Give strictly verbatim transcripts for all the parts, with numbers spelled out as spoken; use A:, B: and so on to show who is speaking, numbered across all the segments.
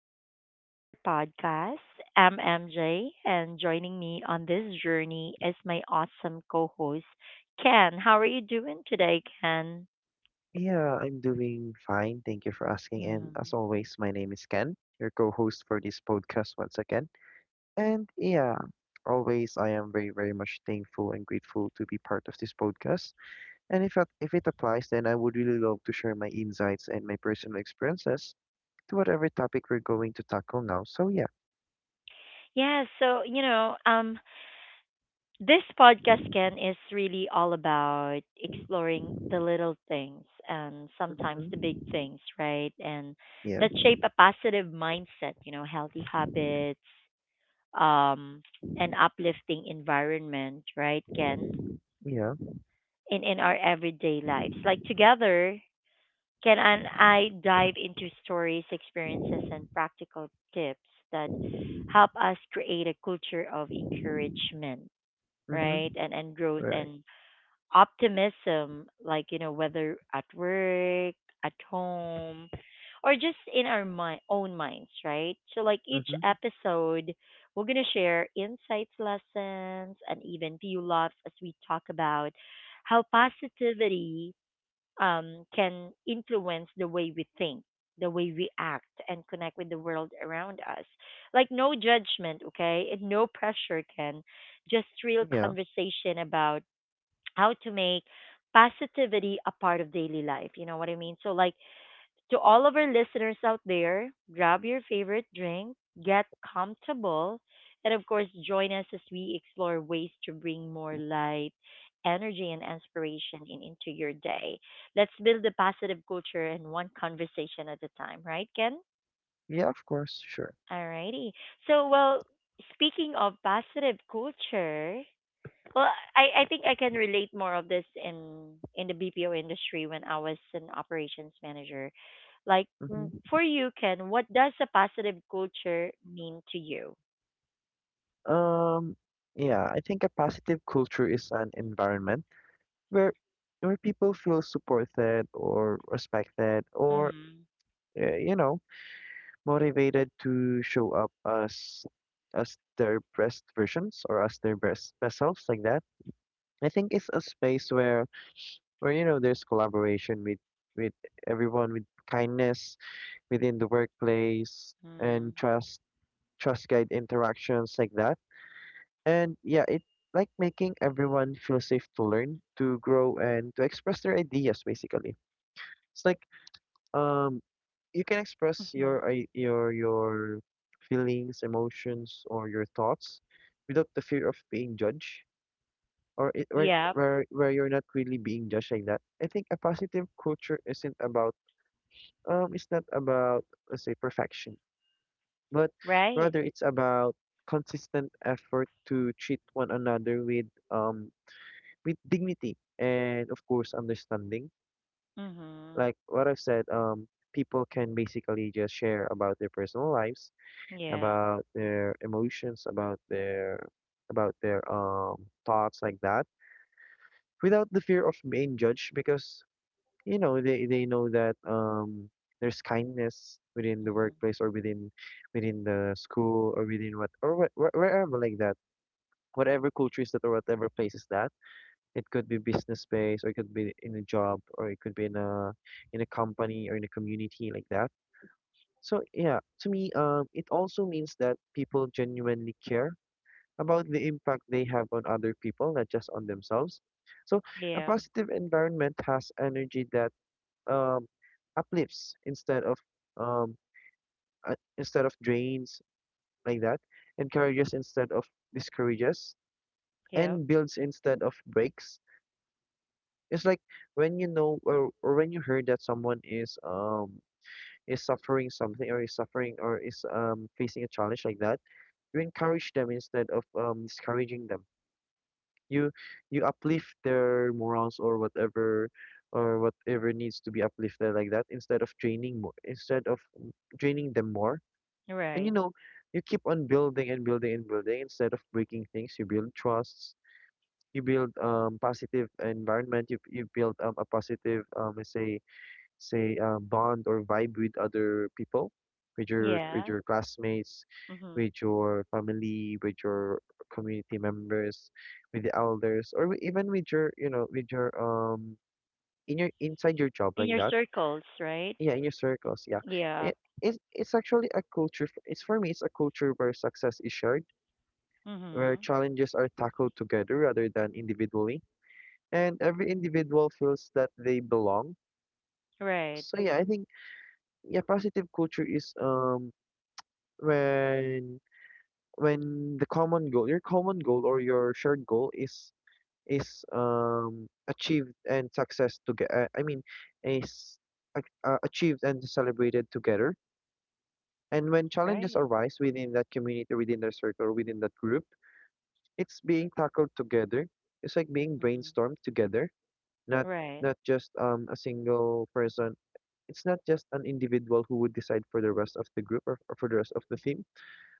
A: back again to our podcast. I'm M J, and joining me on this journey is my awesome co host, Ken. How are you doing today, Ken?
B: Yeah, I'm doing fine. Thank you for asking. And as
A: Mhm.
B: always, my name is Ken, your co-host for this podcast once again. And yeah, always I am very, very much thankful and grateful to be part of this podcast. And if it, if it applies, then I would really love to share my insights and my personal experiences to whatever topic we're going to tackle now. So yeah.
A: Yeah, so, you know, um, this podcast, Ken, is really all about exploring the little things and sometimes the
B: Mm-hmm.
A: big things, right? And
B: Yeah.
A: that shape a positive mindset, you know, healthy habits um, an uplifting environment, right, Ken?
B: Yeah.
A: In in our everyday lives, like together, Ken and I dive into stories, experiences, and practical tips that help us create a culture of encouragement,
B: Mm-hmm.
A: right, and and growth
B: Right.
A: and optimism, like, you know, whether at work, at home, or just in our mi- own minds, right? So, like, each
B: Mm-hmm.
A: episode, we're going to share insights, lessons, and even few laughs as we talk about how positivity um, can influence the way we think. The way we act and connect with the world around us. Like, no judgment, okay? And no pressure, Can. Just real
B: Yeah.
A: conversation about how to make positivity a part of daily life. You know what I mean? So, like, to all of our listeners out there, grab your favorite drink, get comfortable, and of course, join us as we explore ways to bring more light, energy, and inspiration in, into your day. Let's build a positive culture and one conversation at a time, right, Ken?
B: Yeah, of course. Sure.
A: Alrighty. So, well, speaking of positive culture, well, I, I think I can relate more of this in in the B P O industry when I was an operations manager. Like w-
B: Mm-hmm.
A: for you, Ken, what does a positive culture mean to you?
B: Um, yeah, I think a positive culture is an environment where where people feel supported or respected or
A: Mhm.
B: uh, you know, motivated to show up as as their best versions, or as their best best selves, like that. I think it's a space where, where you know, there's collaboration with, with everyone, with kindness within the workplace,
A: Mhm. Mhm.
B: and trust, trust guide interactions, like that. And yeah, it, like, making everyone feel safe to learn, to grow, and to express their ideas. Basically, it's like, Um, you can express your i- your your feelings, emotions, or your thoughts without the fear of being judged, or it, where
A: Yep.
B: where where you're not really being judged, like that. I think a positive culture isn't about, um it's not about, let's say, perfection, but
A: Right.
B: rather it's about consistent effort to treat one another with, um with dignity, and of course, understanding.
A: Mhm.
B: Like what I've said, um people can basically just share about their personal lives,
A: Yeah.
B: about their emotions, about their, about their um thoughts, like that, without the fear of being judged, because you know, they they know that, um there's kindness within the
A: Mhm.
B: workplace, or within, within the school, or within what, or wh- wh- wherever, like that, whatever culture is that, or whatever place is that. It could be business space, or it could be in a job, or it could be in a, in a company, or in a community, like that. So yeah, to me, um it also means that people genuinely care about the impact they have on other people, not just on themselves. So a
A: Yeah.
B: positive environment has energy that, um, uplifts instead of, um, uh, instead of drains, like that, encourages instead of discourages,
A: Yep.
B: and builds instead of breaks. It's like when you know, or, or when you heard that someone is, um is suffering something, or is suffering, or is, um facing a challenge, like that, you encourage them instead of, um discouraging them. you you uplift their morals, or whatever, or whatever needs to be uplifted, like that, instead of draining more, instead of draining them more. And you
A: Right.
B: know, you keep on building and building and building, instead of breaking things. You build trusts, you build, um positive environment. You, you build, um, a positive, um let's say, say uh, bond or vibe with other people, with your, with
A: Yeah.
B: your classmates,
A: Mhm.
B: with your family, with your community members, with the elders, or wi- even with your, you know, with your, um in your, inside your job,
A: In
B: like
A: your
B: that.
A: circles, right?
B: Yeah, in your circles, yeah.
A: Yeah.
B: it, it's, it's actually a culture, f- it's, for me, it's a culture where success is shared, where
A: Mhm.
B: challenges are tackled together rather than individually, and every individual feels that they belong.
A: Right.
B: So yeah, I think, yeah, positive culture is, um when, when the common goal, your common goal, or your shared goal is, is um achieved and success together, I mean, is, ac- uh, achieved and celebrated together. And when challenges
A: Right.
B: arise within that community, within that circle, within that group, it's being tackled together, it's like being
A: Mhm.
B: brainstormed together, not,
A: Right.
B: not just, um a single person. It's not just an individual who would decide for the rest of the group, or, or for the rest of the team,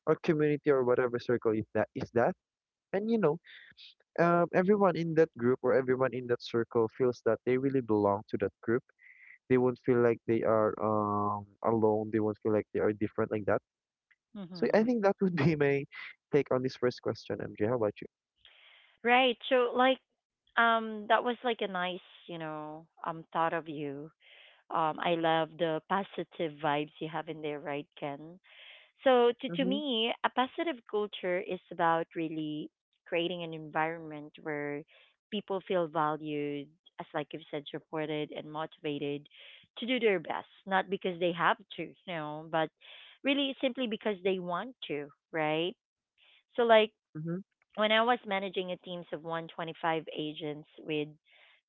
B: or community, or whatever circle if that is that. And you know, um, everyone in that group, or everyone in that circle, feels that they really belong to that group. They won't feel like they are, um, alone. They won't feel like they are different, like that. So I
A: Mhm.
B: think that would be my take on this first question, MJ. How about you?
A: Right. So like Um, that was like a nice, you know, um, thought of you. Um, I love the positive vibes you have in there, right, Ken? So to to
B: Mm-hmm.
A: me, a positive culture is about really creating an environment where people feel valued, as like you've said, supported and motivated to do their best, not because they have to, you know, but really simply because they want to, right? So like
B: Mm-hmm.
A: when I was managing a teams of one hundred twenty-five agents with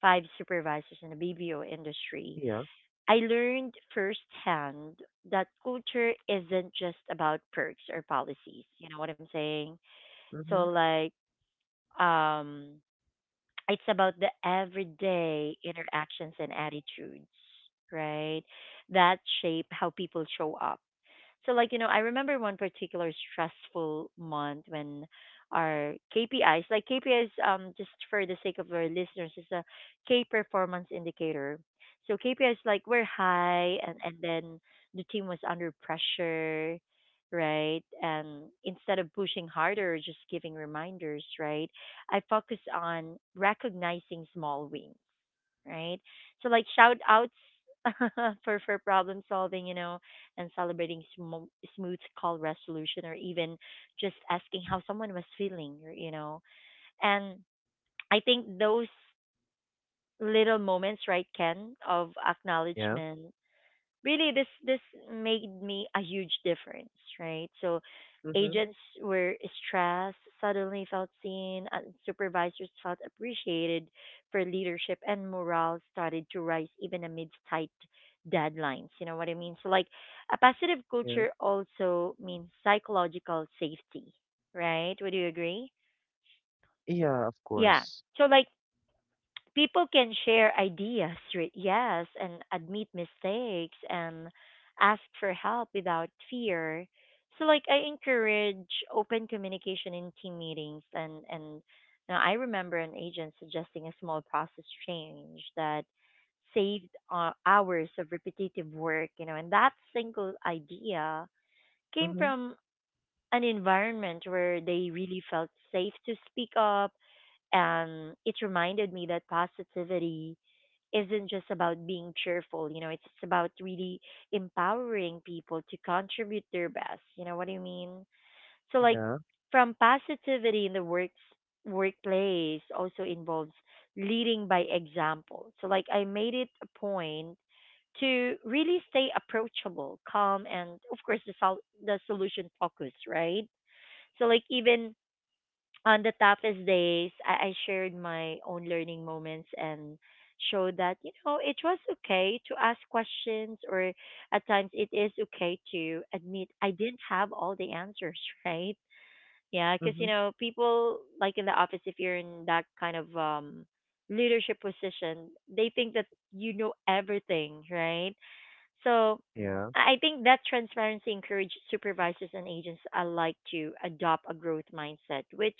A: five supervisors in the B B O industry,
B: Yeah.
A: I learned firsthand that culture isn't just about perks or policies. You know what I'm saying? So
B: Mm-hmm.
A: like um it's about the everyday interactions and attitudes, right? That shape how people show up. So like, you know, I remember one particular stressful month when our K P Is, like K P Is, um, just for the sake of our listeners, is a K performance indicator. So K P Is like were high, and, and then the team was under pressure, right? And instead of pushing harder or just giving reminders, right? I focus on recognizing small wins, right? So like shout outs for for problem solving, you know, and celebrating sm- smooth call resolution or even just asking how someone was feeling, y- you know. And I think those little moments, right, Ken, of
B: Yeah.
A: acknowledgement really this this made me a huge difference, right? So
B: Mm-hmm.
A: agents were stressed suddenly felt seen and supervisors felt appreciated for leadership, and morale started to rise even amidst tight deadlines, you know what I mean? So like a positive
B: Yeah.
A: culture also means psychological safety, right? Would you agree?
B: Yeah, of
A: Yeah,
B: course.
A: so like people can share ideas, re- yes, and admit mistakes and ask for help without fear. So like I encourage open communication in team meetings, and and now I remember an agent suggesting a small process change that saved uh, hours of repetitive work, you know, and that single idea came
B: Mm-hmm.
A: from an environment where they really felt safe to speak up. And it reminded me that positivity isn't just about being cheerful, you know, it's it's about really empowering people to contribute their best. You know what I mean? So like
B: Yeah.
A: from positivity in the works workplace also involves leading by example. So like I made it a point to really stay approachable, calm and of course the sol- the solution focused, right? So like even on the toughest days, I, I shared my own learning moments and showed that, you know, it was okay to ask questions, or at times it is okay to admit I didn't have all the answers, right? Yeah, because, you
B: Mm-hmm.
A: know, people like in the office, if you're in that kind of um, leadership position, they think that you know everything, right? So I
B: Yeah.
A: I think that transparency encourages supervisors and agents alike to adopt a growth mindset, which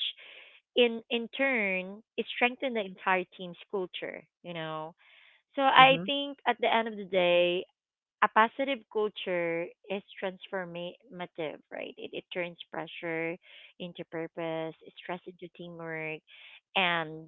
A: in in turn it strengthened the entire team's culture, you know. So I
B: Mm-hmm.
A: think at the end of the day, a positive culture is transformative, right? It, it turns pressure into purpose, stress into teamwork, and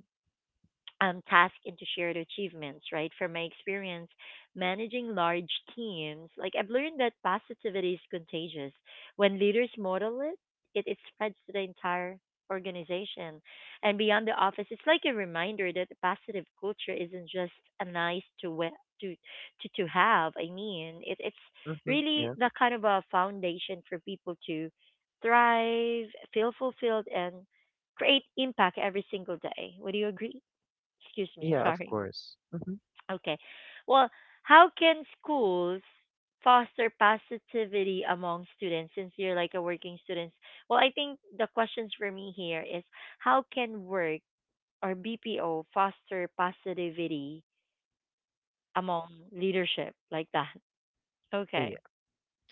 A: um, task into shared achievements, right? From my experience managing large teams, like I've learned that positivity is contagious. When leaders model it, it, it spreads to the entire organization and beyond the office. It's like a reminder that a positive culture isn't just a nice to we- to to to have. I mean, it, it's
B: Mm-hmm.
A: really
B: Yeah.
A: the kind of a foundation for people to thrive, feel fulfilled, and create impact every single day. Would you agree? Excuse me,
B: Yeah, of
A: sorry.
B: course. Mm-hmm.
A: Okay. Well, how can schools foster positivity among students since you're like a working student? Well, I think the questions for me here is how can work or B P O foster positivity among leadership like that?
B: Oh
A: Okay.
B: yeah.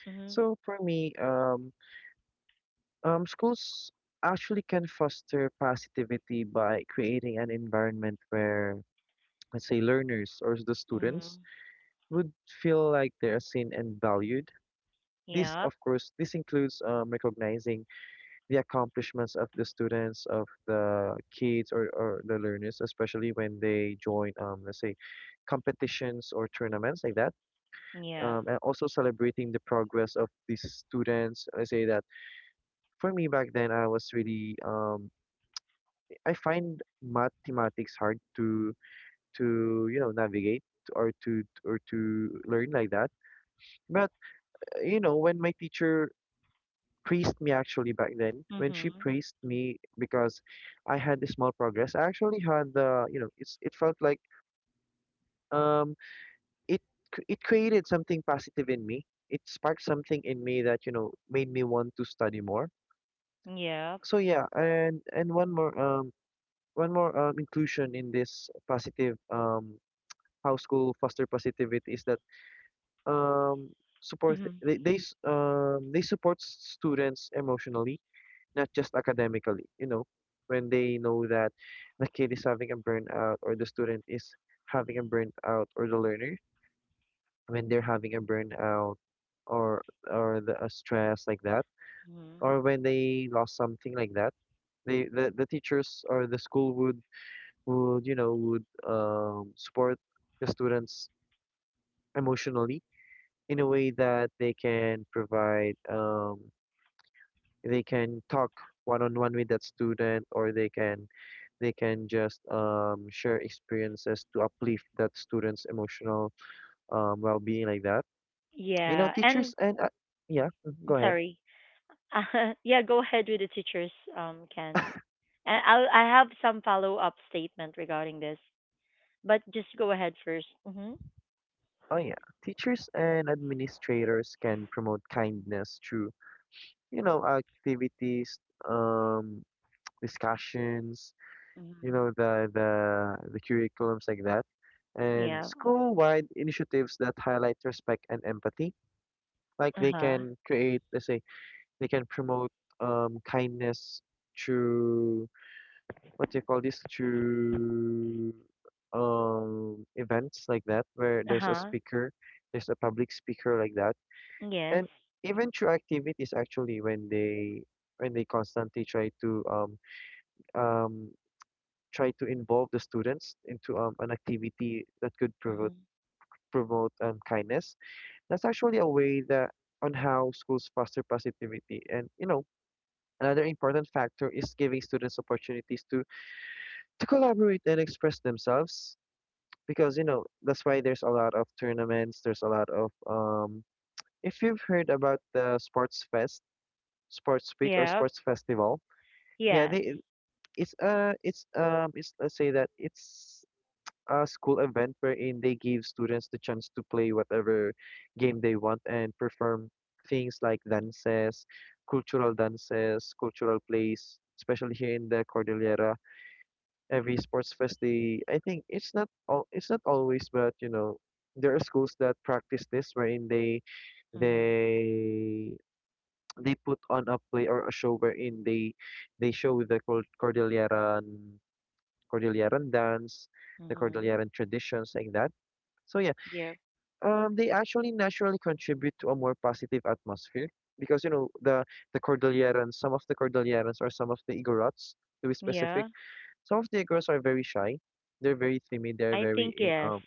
A: Mhm.
B: So for me, um, Um, schools actually can foster positivity by creating an environment where, let's say, learners or the students
A: Mhm.
B: would feel like they are seen and valued. This,
A: Yep.
B: of course, this includes, um, recognizing the accomplishments of the students, of the kids, or, or the learners, especially when they join, um, let's say, competitions or tournaments, like that.
A: Yeah.
B: Um, and also celebrating the progress of these students. I say that for me back then, I was really, um, I find mathematics hard to, to you know, navigate, or to or to learn, like that. But uh, you know, when my teacher praised me, actually back then, when she
A: Mhm.
B: praised me because I had a small progress, I actually had the, you know, it's, it felt like, um it c- it created something positive in me. It sparked something in me that, you know, made me want to study more.
A: Yep.
B: So yeah. and and one more um one more um, inclusion in this positive, um how school foster positivity is that, um support,
A: Mhm.
B: they they s- um they support students emotionally, not just academically. You know, when they know that the kid is having a burnout, or the student is having a burnout, or the learner, when they're having a burnout, or, or the a stress, like that,
A: Mhm.
B: or when they lost something, like that, they, the, the teachers or the school would, would you know, would, um support the students emotionally, in a way that they can provide, um, they can talk one on one with that student, or they can, they can just, um, share experiences to uplift that student's emotional, um, well-being, like that. You know,
A: Yeah. And
B: teachers and, uh, yeah. Mhm, go ahead.
A: sorry. Yeah, go ahead with the teachers, um Ken. And I'll, I have some follow up statement regarding this, but just go ahead first. Mm-hmm.
B: Oh yeah, teachers and administrators can promote kindness through, you know, activities, um discussions, you
A: Mm-hmm.
B: know, the, the the curriculums, like that, and
A: Yeah.
B: school-wide initiatives that highlight respect and empathy. Like,
A: Uh
B: they
A: huh.
B: can create, let's say, they can promote, um kindness through, what do you call this, through, um events, like that, where
A: Uh
B: there's a
A: huh.
B: speaker, there's a public speaker like that.
A: Yes.
B: And even through activities, actually, when they, when they constantly try to, um um try to involve the students into, um, an activity that could
A: Mm-hmm.
B: promote, promote um, kindness. That's actually a way that, on how schools foster positivity. And you know, another important factor is giving students opportunities to, to collaborate and express themselves, because you know, that's why there's a lot of tournaments. There's a lot of, um, if you've heard about the sports fest, sports week, or
A: Yeah.
B: sports festival. Yeah,
A: Yes.
B: they, it's uh it's um it's, let's say that, it's a school event wherein they give students the chance to play whatever game they want and perform things like dances, cultural dances, cultural plays, especially here in the Cordillera. Every sports fest, they, I think it's not all, it's not always, but you know, there are schools that practice this, wherein they,
A: Mm-hmm.
B: they they put on a play or a show, wherein they they show the Cor- Cordilleran, Cordilleran dance, the
A: Mm-hmm.
B: Cordilleran traditions, like that. So yeah,
A: Yeah.
B: Um, they actually naturally contribute to a more positive atmosphere, because you know, the the Cordilleras, some of the Cordilleras or some of the Igorots, to be specific,
A: Yeah.
B: some of the Igorots are very shy. They're very timid. They're
A: I
B: very
A: think
B: eh,
A: yes.
B: um.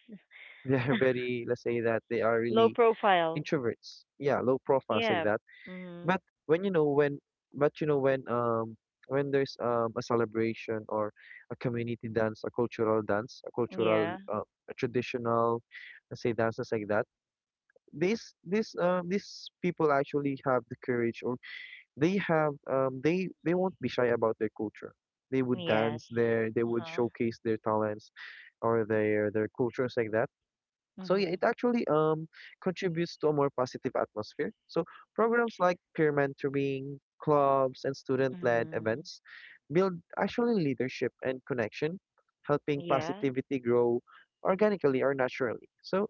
B: They're very, let's say that they are
A: Low
B: really
A: profile.
B: introverts. Yeah, low profiles, like
A: Yeah.
B: that.
A: Mm-hmm.
B: But when you know, when, but you know when, um when there's, um a celebration, or a community dance, a cultural dance, a cultural,
A: Yeah.
B: uh, a traditional, let's say, dances, like that, these these um these people actually have the courage, or they have, um they they won't be shy about their culture. They would
A: Yes.
B: dance there, they
A: Uh
B: would
A: huh.
B: showcase their talents, or their their cultures, like that. So yeah,
A: Mm-hmm.
B: it actually, um contributes to a more positive atmosphere. So programs like peer mentoring clubs and student-led
A: Mm-hmm.
B: events build, actually, leadership and connection, helping
A: Yeah.
B: positivity grow organically or naturally. So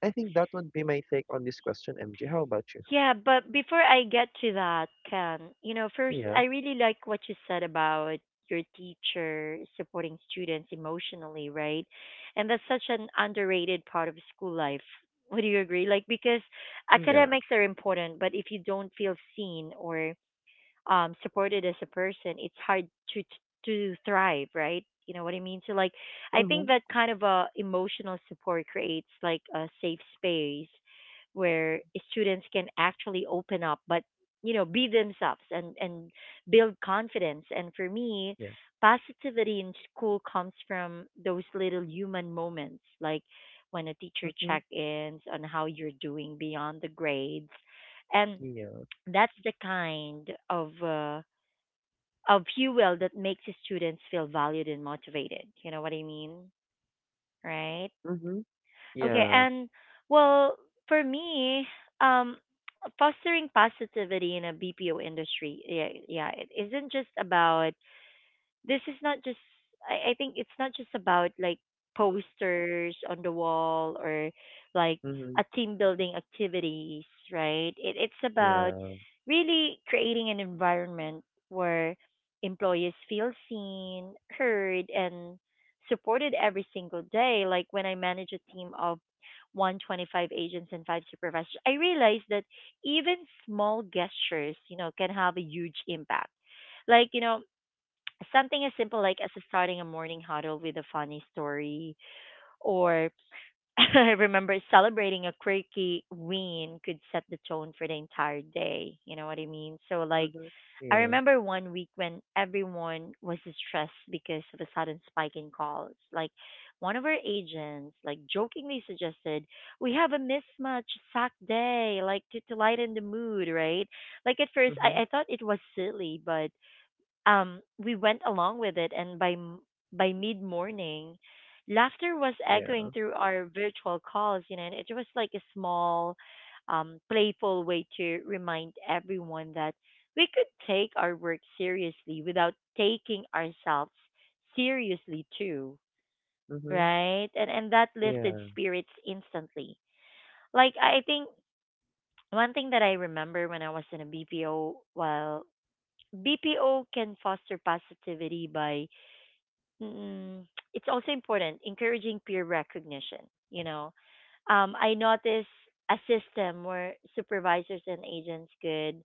B: I think that would be my take on this question, M J. How about you?
A: Yeah, but before I get to that, Ken, you know, first,
B: Yeah.
A: I really like what you said about your teacher supporting students emotionally, right? And that's such an underrated part of school life. Would you agree? Like, because
B: Yeah.
A: academics are important, but if you don't feel seen or um, supported as a person, it's hard to to thrive, right? You know what I mean? So like, I
B: Uh-huh.
A: think that kind of a emotional support creates like a safe space where students can actually open up, but you know, be themselves and and build confidence. And for me,
B: Yeah.
A: positivity in school comes from those little human moments, like when a teacher
B: Uh-huh.
A: check-ins on how you're doing beyond the grades, and
B: Yeah.
A: that's the kind of uh, of fuel that makes the students feel valued and motivated. You know what I mean, right?
B: Mm-hmm.
A: Okay,
B: Yeah.
A: and well, for me, um, fostering positivity in a B P O industry, yeah, yeah, it isn't just about, this is not just, I, I think it's not just about like posters on the wall or like
B: Mm-hmm.
A: a team building activities, right? It, it's about
B: Yeah.
A: really creating an environment where employees feel seen, heard and supported every single day, like when I manage a team of one hundred twenty-five agents and five supervisors. I realized that even small gestures, you know can have a huge impact, like, you know something as simple like as starting a morning huddle with a funny story or I remember celebrating a quirky win could set the tone for the entire day. You know what I mean? So like
B: Mm-hmm.
A: I
B: Yeah.
A: remember one week when everyone was stressed because of a sudden spike in calls. Like one of our agents like jokingly suggested we have a mismatch sack day, like to, to lighten the mood, right? Like at first,
B: Mm-hmm.
A: I, I thought it was silly, but um, we went along with it, and by m- by mid morning, laughter was echoing
B: Yeah.
A: through our virtual calls. You know, and it was like a small, um, playful way to remind everyone that we could take our work seriously without taking ourselves seriously too,
B: Mm-hmm.
A: right? And and that lifted
B: Yeah.
A: spirits instantly. Like I I think one thing that I remember when I was in a B P O, well, B P O can foster positivity by Mm-mm. It's also important encouraging peer recognition. You know, um, I noticed a system where supervisors and agents could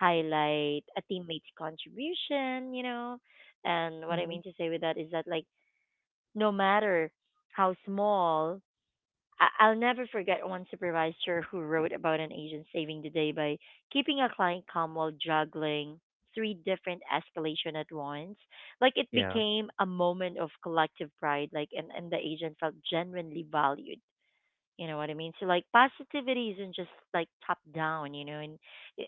A: highlight a teammate's contribution. You know, and what I
B: Mm-hmm.
A: mean to say with that is that like no matter how small, I- I'll never forget one supervisor who wrote about an agent saving the day by keeping a client calm while juggling three different escalation at once. Like it
B: Yeah.
A: became a moment of collective pride, like, and, and the agent felt genuinely valued. You know what I mean? So like positivity isn't just like top down, you know, and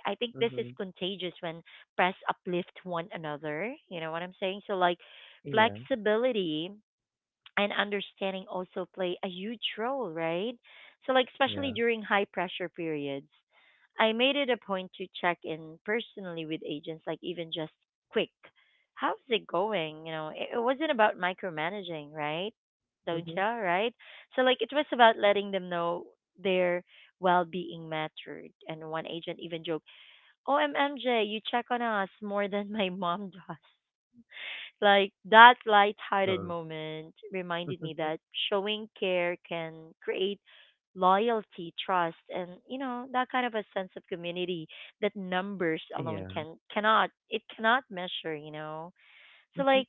A: I I think this is
B: Mm-hmm.
A: contagious when press uplift one another. You know what I'm saying? So like
B: Yeah.
A: flexibility and understanding also play a huge role, right? So, like, especially
B: Yeah.
A: during high pressure periods, I made it a point to check in personally with agents, like, even just quick. How's it going? You know, it, it wasn't about micromanaging, right? Don't
B: Mm-hmm.
A: you? Right? So, like, it was about letting them know their well being mattered. And one agent even joked, "Oh, M J, you check on us more than my mom does." Like that lighthearted
B: Uh,
A: moment reminded me
B: mm-hmm.
A: that showing care can create loyalty, trust, and you know that kind of a sense of community that numbers alone
B: Yeah.
A: can cannot it cannot measure. You know, so
B: Mm-hmm.
A: like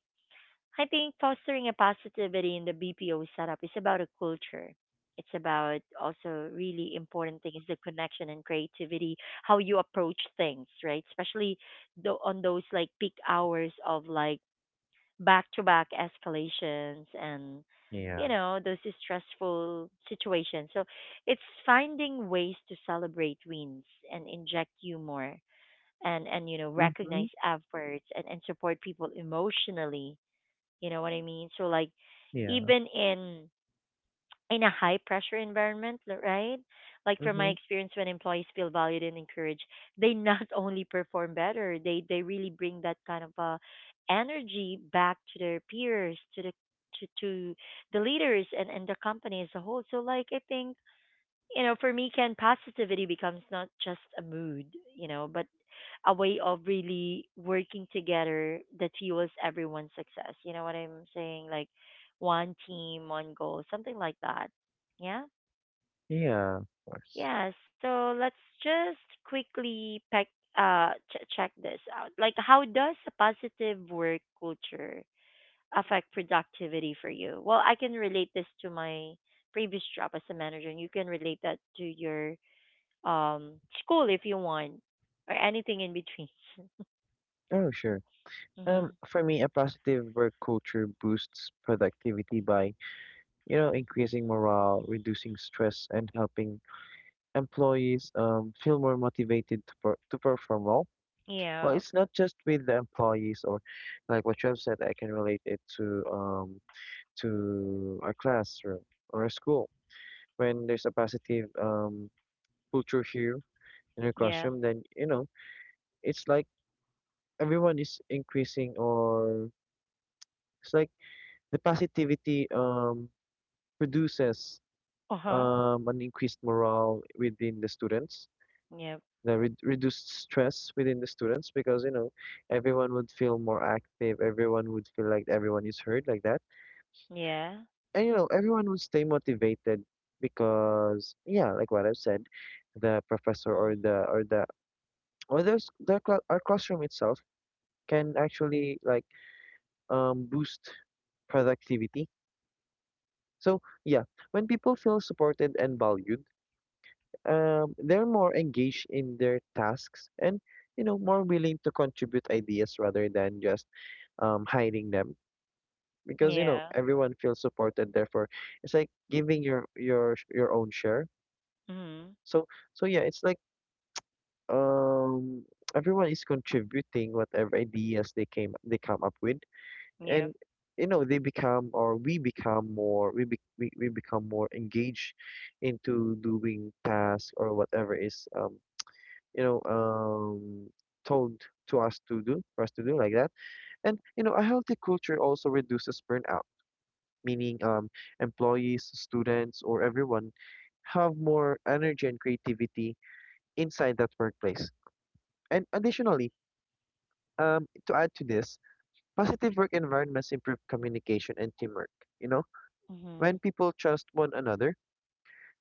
A: I think fostering a positivity in the B P O setup is about a culture. It's about also really important thing is the connection and creativity, how you approach things, right? Especially tho- on those like peak hours of like back to back escalations and you
B: Yeah.
A: know those stressful situations, so it's finding ways to celebrate wins and inject humor and and you know
B: Mm-hmm.
A: recognize efforts and, and support people emotionally, you know what I mean? So like
B: Yeah.
A: even in in a high pressure environment, l- right? Like from my
B: Mm-hmm.
A: experience, when employees feel valued and encouraged, they not only perform better, they they really bring that kind of uh, energy back to their peers, to the to, to the leaders and, and the company as a whole. So like I think, you know, for me Ken, positivity becomes not just a mood, you know, but a way of really working together that fuels everyone's success. You know what I'm saying? Like one team, one goal, something like that. Yeah.
B: Yeah. Of course.
A: Yeah. So let's just quickly pack, uh, ch- check this out. Like, how does a positive work culture affect productivity for you? Well, I can relate this to my previous job as a manager, and you can relate that to your um school if you want, or anything in between.
B: Oh, sure. Um,
A: Hmm.
B: for me, a positive work culture boosts productivity by, you know, increasing morale, reducing stress, and helping employees, um, feel more motivated to, per- to perform well. Well,
A: Yeah.
B: it's not just with the employees, or like what you have said, I can relate it to, um, to a classroom or a school. When there's a positive um, culture here in a
A: Yeah.
B: classroom, then you know, it's like everyone is increasing, or it's like the positivity um, produces
A: Uh-huh.
B: um, an increased morale within the students,
A: Yep.
B: the re reduced stress within the students, because you know everyone would feel more active, everyone would feel like everyone is heard, like that.
A: Yeah.
B: And you know everyone would stay motivated because yeah, like what I've said, the professor
A: Mm.
B: or the or the or there's the cla our classroom itself can actually like um boost productivity. So yeah, when people feel supported and valued, um, they're more engaged in their tasks, and you know, more willing to contribute ideas rather than just um, hiding them, because you know
A: Yeah.
B: everyone feels supported. Therefore, it's like giving your your sh- your own share.
A: Mhm.
B: So so yeah, it's like um everyone is contributing whatever ideas they came they come up with.
A: Yep.
B: And you know, they become, or we become more, we, be, we, we become more engaged into doing tasks or whatever is um you know um told to us to do, for us to do, like that. And you know, a healthy culture also reduces burnout, meaning um employees, students, or everyone have more energy and creativity inside that workplace. And additionally, um to add to this, positive work environments improve communication and teamwork. You know, when
A: Mhm.
B: people trust one another,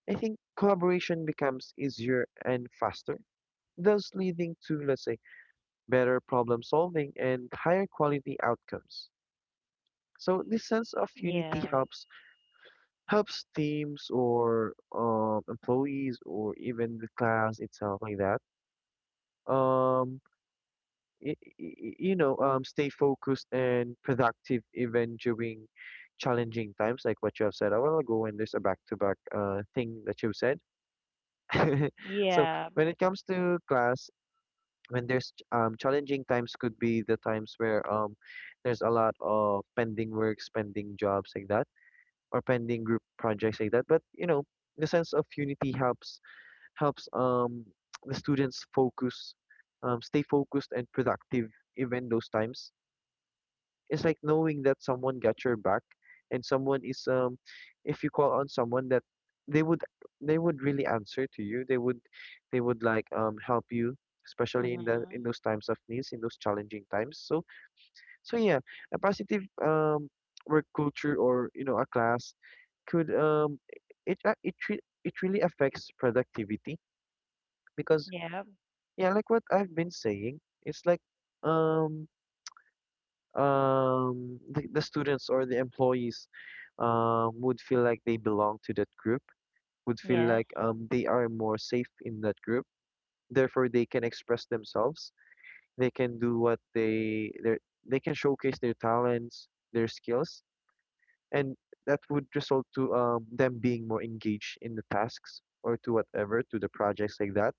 B: I think collaboration becomes easier and faster, thus leading to, let's say, better problem solving and higher quality outcomes. So this sense of unity
A: Yeah.
B: helps, helps teams, or um, employees, or even the class itself, like that. Um, y- y- y- you know, um, stay focused and productive even during challenging times, like what you have said a while ago. When there's a back-to-back uh, thing that you've said. So
A: Yeah.
B: when it comes to class, when there's ch- um challenging times, could be the times where um there's a lot of pending works, pending jobs, like that, or pending group projects, like that. But you know, the sense of unity helps, helps um the students focus, um stay focused and productive even those times. It's like knowing that someone got your back and someone is um if you call on someone that they would, they would really answer to you. They would, they would like um help you, especially in the, in
A: Mhm.
B: those times of needs, in those challenging times. So so yeah, a positive um work culture, or you know, a class could um it a- it re- it really affects productivity, because
A: Yep.
B: yeah, like what I've been saying, it's like um um the, the students or the employees um would feel like they belong to that group, would feel
A: Yes.
B: like um they are more safe in that group. Therefore, they can express themselves. They can do what they their they can showcase their talents, their skills, and that would result to um them being more engaged in the tasks, or to whatever, to the projects, like that,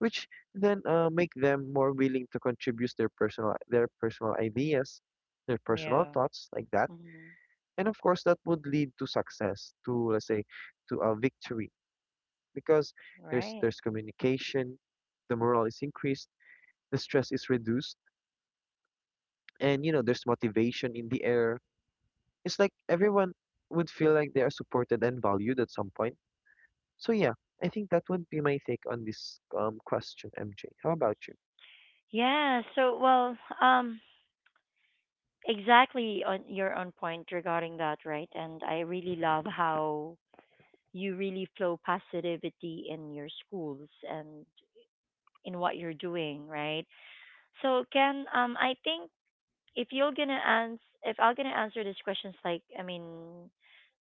B: which then uh, make them more willing to contribute their personal their personal ideas, their personal
A: Yeah.
B: thoughts, like that.
A: Mhm.
B: And of course, that would lead to success, to, let's say, to a victory, because there's
A: Right.
B: there's communication, the morale is increased, the stress is reduced, and you know, there's motivation in the air. It's like everyone would feel like they are supported and valued at some point. So yeah, I think that would be my take on this um question, M J. How about you?
A: Yeah. So, well, um, exactly on your are on point regarding that, right? And I really love how you really flow positivity in your schools and in what you're doing, right? So, Ken, um, I think if you're gonna ans- gonna answer these questions, like I mean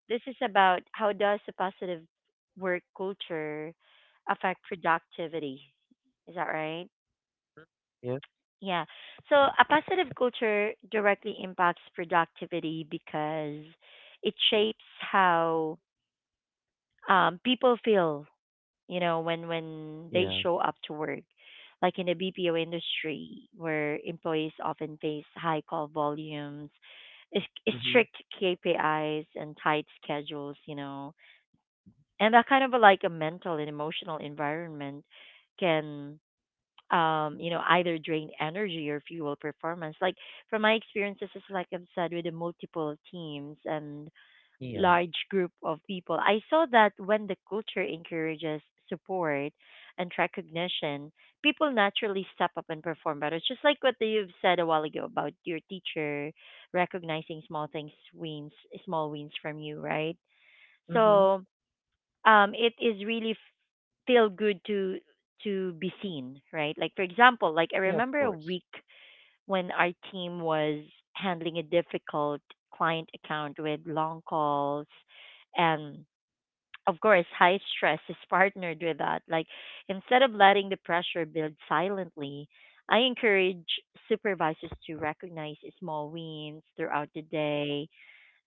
A: this is about how does a positive work culture affect productivity, is that right?
B: Mhm. Yeah,
A: Yeah, so a positive culture directly impacts productivity because it shapes how, um, people feel, you know, when when they
B: yeah,
A: show up to work. Like in the B P O industry, where employees often face high call volumes, is- is
B: mm-hmm.
A: strict K P Is and tight schedules, you know, and that kind of a, like a mental and emotional environment can, um, you know, either drain energy or fuel performance. Like from my experiences, as like I've said, with the multiple teams and
B: Yeah,
A: large group of people. I saw that when the culture encourages support and recognition, people naturally step up and perform better. It's just like what you've said a while ago about your teacher recognizing small things wins, small wins from you, right?
B: mm-hmm.
A: So um it is really feel good to to be seen, right? Like for example, like I
B: Yeah, of
A: remember a
B: course.
A: week when our team was handling a difficult client account with long calls, and of course high stress is partnered with that. Like instead of letting the pressure build silently, I encourage supervisors to recognize small wins throughout the day.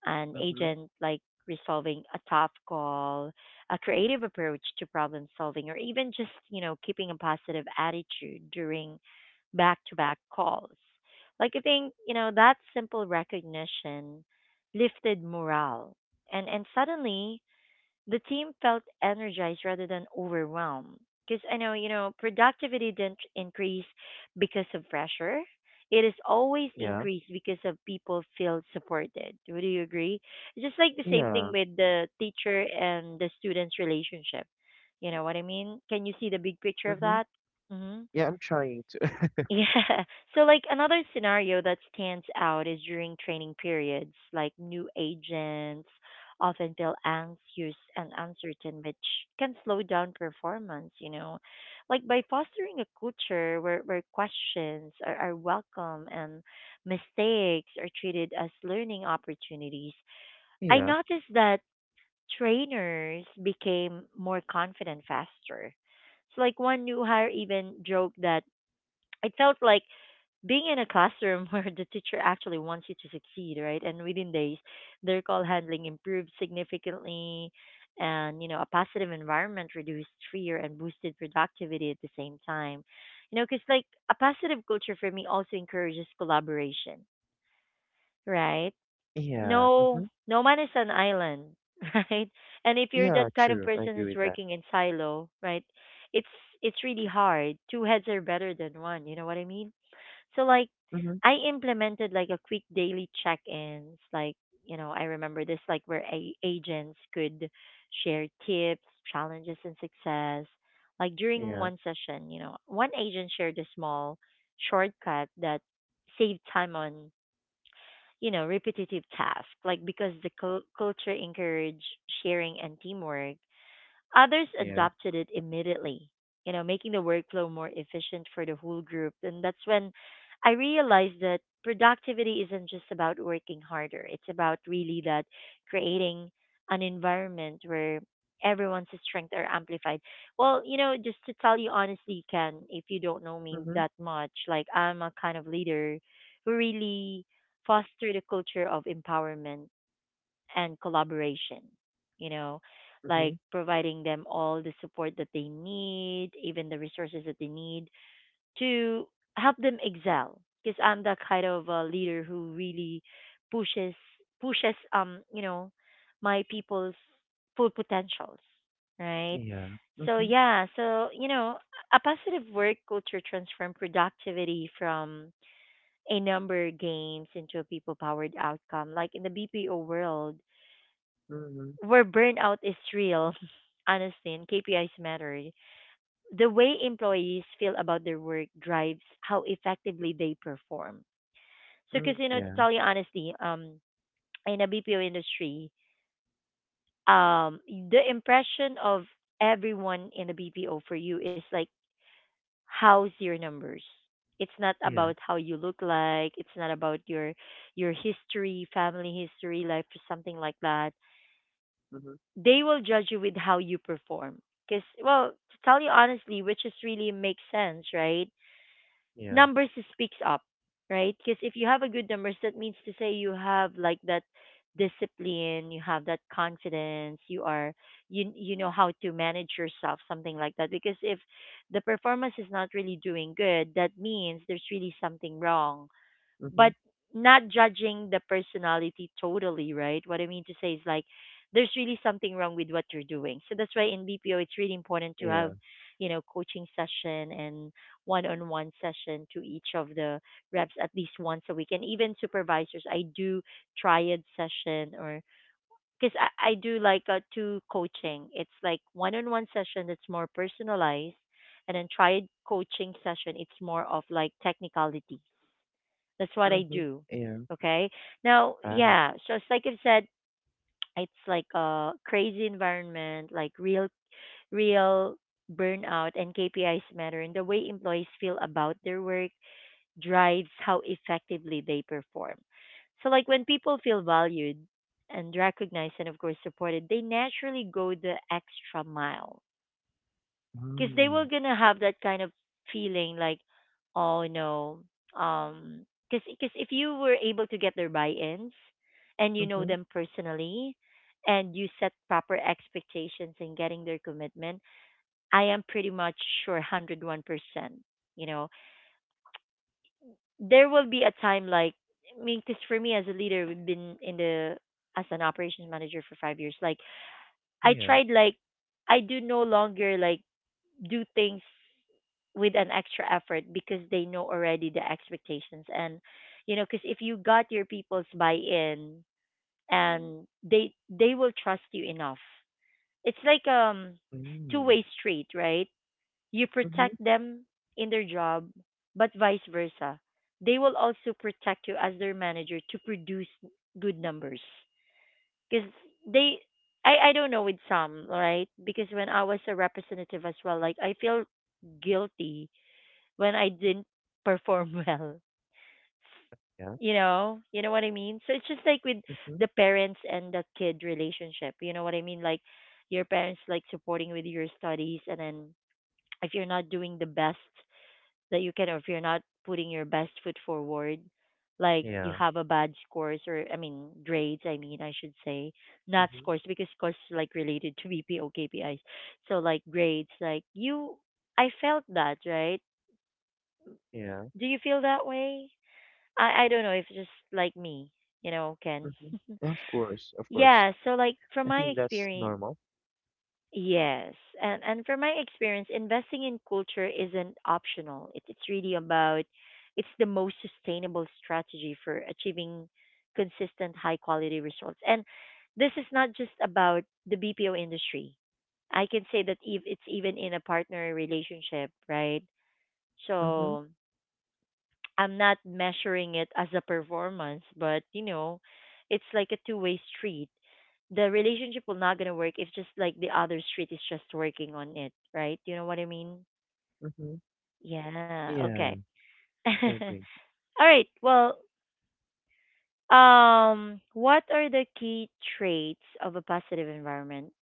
A: An
B: Mm-hmm.
A: agent like resolving a tough call, a creative approach to problem solving, or even just, you know, keeping a positive attitude during back to back calls. Like, I think, you know, that simple recognition lifted morale. And, and suddenly, the team felt energized rather than overwhelmed. Because I know, you know, productivity didn't increase because of pressure. It is always
B: Yeah,
A: increased because of people feel supported. Would you agree? It's just like the same thing
B: yeah,
A: with the teacher and the student's relationship. You know what I mean? Can you see the big picture of
B: mm-hmm.
A: that? Mm-hmm.
B: Yeah. I'm trying to.
A: Yeah. So like another scenario that stands out is during training periods, like new agents often feel anxious and uncertain, which can slow down performance, you know. Like by fostering a culture where, where questions are, are welcome and mistakes are treated as learning opportunities, I
B: Yeah,
A: noticed that trainers became more confident faster. So like one new hire even joked that it felt like being in a classroom where the teacher actually wants you to succeed, right? And within days, their call handling improved significantly, and you know, a positive environment reduced fear and boosted productivity at the same time. You know, because like a positive culture for me also encourages collaboration, right?
B: yeah.
A: No,
B: Mhm.
A: no man is an island, right? And if you're that
B: Yeah,
A: kind of
B: true. I
A: person
B: agree
A: who's
B: with that.
A: working in silo, right? It's it's really hard. Two heads are better than one. You know what I mean? So like
B: Mm-hmm.
A: I implemented like a quick daily check-ins. Like, you know, I remember this like where a- agents could share tips, challenges and success. Like during
B: Yeah.
A: one session, you know, one agent shared a small shortcut that saved time on, you know, repetitive tasks. Like because the cul culture encouraged sharing and teamwork. Others
B: Yeah.
A: adopted it immediately, you know, making the workflow more efficient for the whole group. And that's when I realized that productivity isn't just about working harder. It's about really that creating an environment where everyone's strengths are amplified. Well, you know, just to tell you honestly, Ken, if you don't know me
B: Mm-hmm.
A: that much, like I'm a kind of leader who really foster the culture of empowerment and collaboration, you know,
B: Mm-hmm.
A: like providing them all the support that they need, even the resources that they need to help them excel. Because I'm the kind of a leader who really pushes pushes um you know my people's full potentials, right?
B: Yeah.
A: So
B: Mm-hmm.
A: yeah, so you know a positive work culture transform productivity from a number games into a people powered outcome. Like in the B P O world,
B: Mm-hmm.
A: where burnout is real, honestly, and K P Is matter. The way employees feel about their work drives how effectively they perform. So, because
B: Mm-hmm.
A: you know, to
B: Yeah.
A: tell you honestly, um, in a B P O industry, um, the impression of everyone in the B P O for you is like, how's your numbers? It's not
B: Yeah.
A: about how you look like. It's not about your your history, family history, life, or something like that,
B: Mm-hmm.
A: they will judge you with how you perform. Because, well, to tell you honestly, which is really makes sense, right?
B: Yeah.
A: Numbers speaks up, right? Because if you have a good numbers, that means to say you have like that discipline, you have that confidence, you are you you know how to manage yourself, something like that. Because if the performance is not really doing good, that means there's really something wrong,
B: Mm-hmm.
A: but not judging the personality totally, right? What I mean to say is like there's really something wrong with what you're doing. So that's why in B P O it's really important to
B: Yeah.
A: have, you know, coaching session and one-on-one session to each of the reps at least once a week. And even supervisors, I do triad session or because I, I do like a two coaching. It's like one-on-one session that's more personalized, and then triad coaching session it's more of like technicality, that's what I
B: Mm-hmm.
A: do.
B: Yeah.
A: Okay. Now,
B: Wow.
A: yeah. So it's like I said, it's like a crazy environment, like real, real burnout and K P Is matter, and the way employees feel about their work drives how effectively they perform. So, like when people feel valued and recognized, and of course supported, they naturally go the extra mile because they were
B: Mm.
A: gonna have that kind of feeling like oh no um because if you were able to get their buy-ins and you know
B: Mm-hmm.
A: them personally and you set proper expectations in getting their commitment, I am pretty much sure one hundred one percent, you know, there will be a time like i mean because for me as a leader, we've been in the as an operations manager for five years, like I
B: Yeah.
A: tried, like I do no longer like do things with an extra effort because they know already the expectations. And you know, because if you got your people's buy-in, and they they will trust you enough, it's like um
B: Mm.
A: two-way street, right? You
B: Mm-hmm.
A: protect them in their job, but vice versa, they will also protect you as their manager to produce good numbers because they I, I don't know with some, right? Because when I was a representative as well, like I feel guilty when I didn't perform well.
B: Yeah.
A: You know you know what I mean? So it's just like with
B: Mm-hmm.
A: the parents and the kid relationship, you know what I mean? Like your parents like supporting with your studies, and then if you're not doing the best that you can, or if you're not putting your best foot forward, like you
B: Yeah.
A: have a bad scores, or I mean grades, I mean I should say, not
B: Mm-hmm.
A: scores, because scores is, like, related to B P O K P Is. So like grades, like you, I felt that, right?
B: Yeah.
A: Do you feel that way? I I don't know if it's just like me, you know, Ken.
B: Mm-hmm. Of course. Of course.
A: Yeah, so like from
B: I
A: my
B: think that's
A: experience,
B: normal.
A: yes. And and from my experience, investing in culture isn't optional. It, it's really about it's the most sustainable strategy for achieving consistent high quality results. And this is not just about the B P O industry. I can say that if it's even in a partner relationship, right?
B: Mm-hmm.
A: So I'm not measuring it as a performance, but you know, it's like a two way street. The relationship will not gonna work if just like the other street is just working on it, right? You know what I mean?
B: Mm-hmm.
A: Yeah. Okay.
B: Yeah.
A: All
B: I agree.
A: right. Well, um, what are the key traits of a positive environment,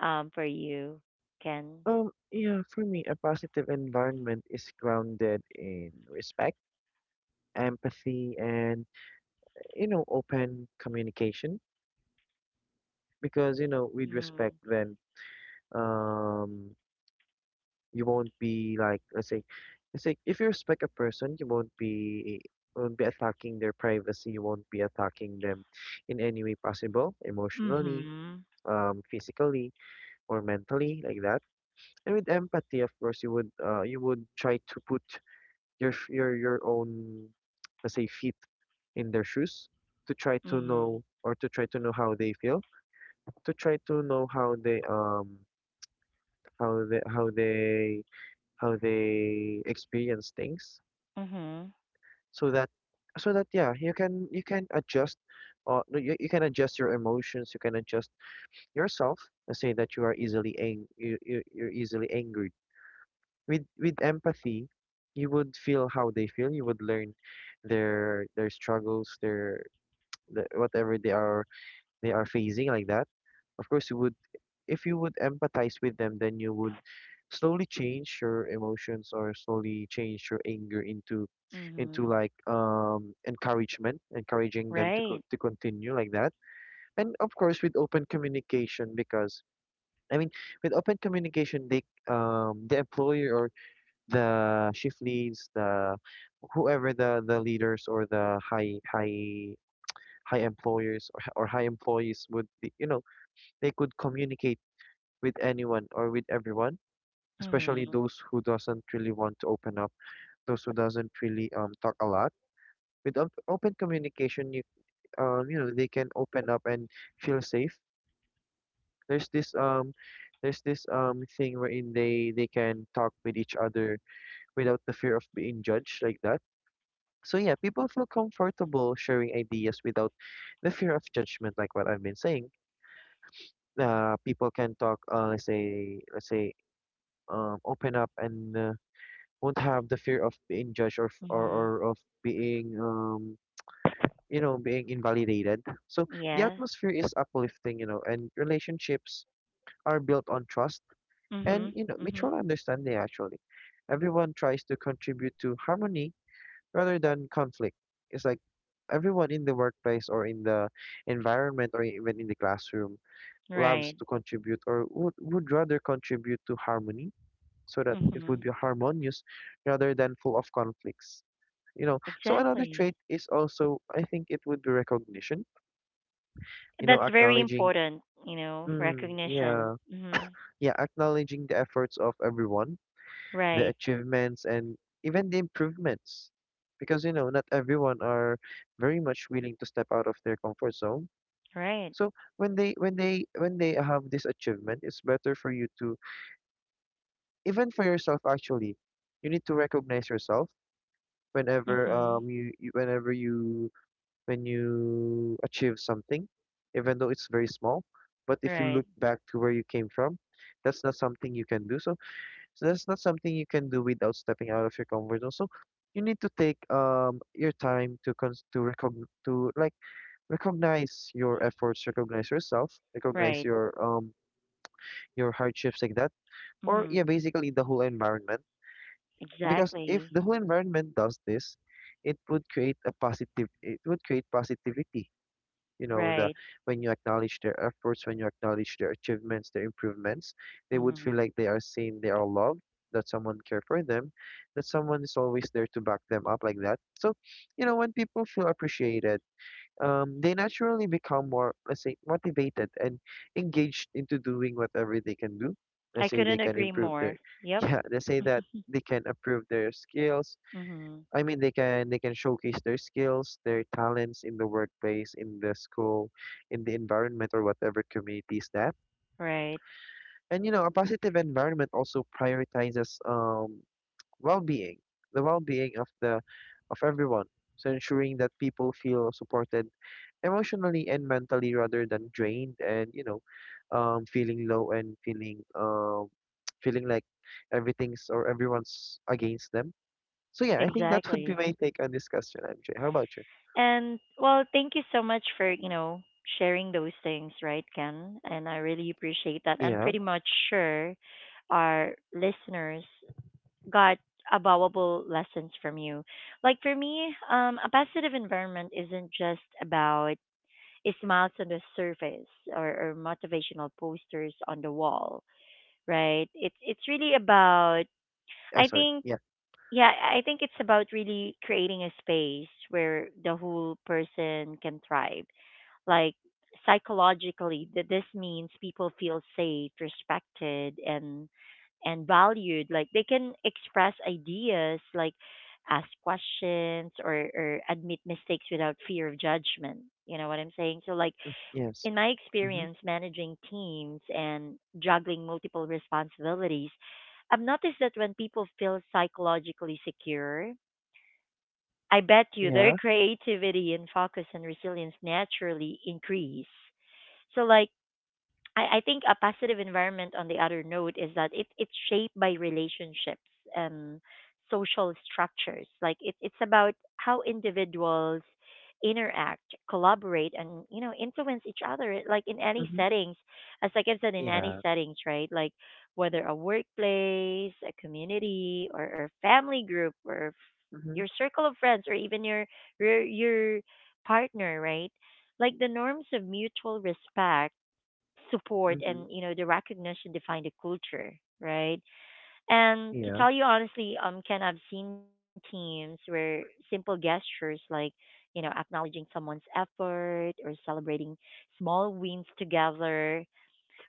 A: um, for you, Ken?
B: Um. Yeah. For me, a positive environment is grounded in respect, empathy, and you know, open communication. Because you know, with respect,
A: Mm.
B: then um you won't be like, let's say, let's say if you respect a person, you won't be, won't be attacking their privacy, you won't be attacking them in any way possible, emotionally,
A: Mhm.
B: um physically, or mentally, like that. And with empathy, of course, you would, uh you would try to put your sh- your your own, let's say, feet in their shoes, to try to
A: Mhm.
B: know, or to try to know how they feel, to try to know how they um how they how they how they experience things,
A: Mhm.
B: so that, so that yeah, you can, you can adjust, uh no, you, you can adjust your emotions, you can adjust yourself. Let's say that you are easily ang- you, you, you're easily angered. with with empathy, you would feel how they feel, you would learn their their struggles, their, the- whatever they are, they are facing, like that. Of course you would, if you would empathize with them, then you would slowly change your emotions, or slowly change your anger into into
A: Mhm.
B: like um encouragement, encouraging them to
A: Right.
B: co- to continue, like that. And of course, with open communication, because I mean, with open communication, they um the employer, or the shift leads, the whoever, the the leaders, or the high high high employers, or, or high employees would be, you know, they could communicate with anyone, or with everyone, especially
A: Mhm.
B: those who doesn't really want to open up, those who doesn't really um talk a lot. With op open communication, you um you know, they can open up and feel safe. There's this um there's this um thing wherein they they can talk with each other without the fear of being judged, like that. So yeah, people feel comfortable sharing ideas without the fear of judgment, like what I've been saying. uh, people can talk, uh, let's say, let's say um, open up and uh, won't have the fear of being judged, or, f- or or
A: Mhm.
B: of being um you know, being invalidated. So the
A: Yeah.
B: atmosphere is uplifting, you know, and relationships are built on trust, and
A: Mhm.
B: you know,
A: Mhm.
B: mutual understanding. Actually, everyone tries to contribute to harmony rather than conflict. It's like everyone in the workplace, or in the environment, or even in the classroom, loves
A: Right.
B: to contribute, or would, would rather contribute to harmony, so that it would
A: Mhm.
B: be harmonious rather than full of conflicts. You know, so another
A: Exactly.
B: trait is also, I think it would be recognition. You know,
A: That's very
B: acknowledging,
A: important, you know,
B: mm,
A: recognition.
B: yeah,
A: Mhm.
B: yeah, acknowledging the efforts of everyone, the
A: Right.
B: achievements, and even the improvements. Because you know, not everyone are very much willing to step out of their comfort zone.
A: Right.
B: So when they, when they, when they have this achievement, it's better for you to, even for yourself actually, you need to recognize yourself whenever
A: Mhm.
B: um you, you, whenever you, when you achieve something, even though it's very small, but if you
A: Right.
B: look back to where you came from, that's not something you can do. So, so that's not something you can do without stepping out of your comfort zone. So you need to take um your time to cons to recogn to like recognize your efforts, recognize yourself, recognize
A: Right.
B: your um your hardships, like that, or yeah,
A: Mhm.
B: basically the whole environment. Because if
A: Exactly.
B: the whole environment does this, it would create a positive, it would create positivity. You know, the,
A: Right.
B: when you acknowledge their efforts, when you acknowledge their achievements, their improvements, they would feel
A: Mhm.
B: like they are seen, they are loved, that someone care for them, that someone is always there to back them up, like that. So you know, when people feel appreciated, um, they naturally become more, let's say, motivated and engaged into doing whatever they can do.
A: I
B: Let's say they
A: couldn't
B: can
A: agree
B: improve their,
A: more. Yep.
B: yeah, let's say that they can improve their skills.
A: Mhm.
B: I mean, they can, they can showcase their skills, their talents in the workplace, in the school, in the environment, or whatever community is that.
A: Right.
B: And you know, a positive environment also prioritizes um well-being, the well-being of the, of everyone. So ensuring that people feel supported emotionally and mentally, rather than drained, and you know, um feeling low and feeling um feeling like everything's, or everyone's against them. So yeah, I think that would be
A: Exactly.
B: my take on this question, MJ. How about you?
A: And well, thank you so much for, you know, sharing those things, right, Ken? And I really appreciate that. I'm
B: Yeah.
A: pretty much sure our listeners got a valuable lessons from you. Like for me, um, a positive environment isn't just about smiles on the surface or, or motivational posters on the wall, right? It's it's really about
B: uh,
A: I
B: sorry,
A: think
B: yeah.
A: yeah, I think it's about really creating a space where the whole person can thrive. Like psychologically, th- this means people feel safe, respected, and and valued. Like they can express ideas, like ask questions or or admit mistakes without fear of judgment. You know what I'm saying? So like
B: Yes.
A: in my
B: Mm-hmm.
A: experience managing teams and juggling multiple responsibilities, I've noticed that when people feel psychologically secure, I bet you their
B: Yeah.
A: creativity and focus and resilience naturally increase. So, like, I, I think a positive environment on the other note is that it, it's shaped by relationships and social structures. Like it, it's about how individuals interact, collaborate, and you know influence each other. Like in any
B: Mm-hmm.
A: settings, as like I've said, in any
B: Yeah.
A: settings, right? Like whether a workplace, a community, or, or family group, or f-
B: Mm-hmm.
A: your circle of friends, or even your your, your partner, right? Like the norms of mutual respect support
B: Mm-hmm.
A: and you know the recognition define the culture, right? And to
B: Yeah,
A: tell you honestly, um, Ken, I've seen teams where simple gestures like you know acknowledging someone's effort or celebrating small wins together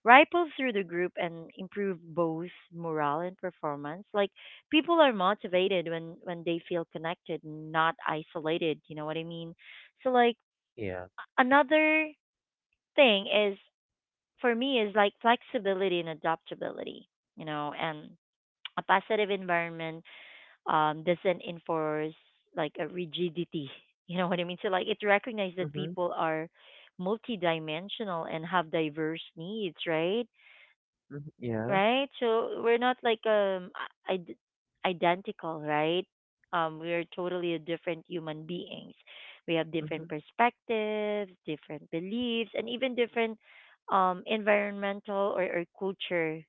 A: ripple through the group and improve both morale and performance. Like people are motivated when when they feel connected, not isolated, you know what I mean? So like
B: yeah,
A: another thing is for me is like flexibility and adaptability, you know, and a positive environment um, doesn't enforce like a rigidity. You know what I mean? So like it recognizes that
B: mm-hmm.
A: people are multidimensional and have diverse needs, right?
B: Mm-hmm. Yeah,
A: Right? So we're not like um i- id- identical, right? Um, we're totally a different human beings. We have
B: mm-hmm.
A: different perspectives, different beliefs, and even different um environmental or, or culture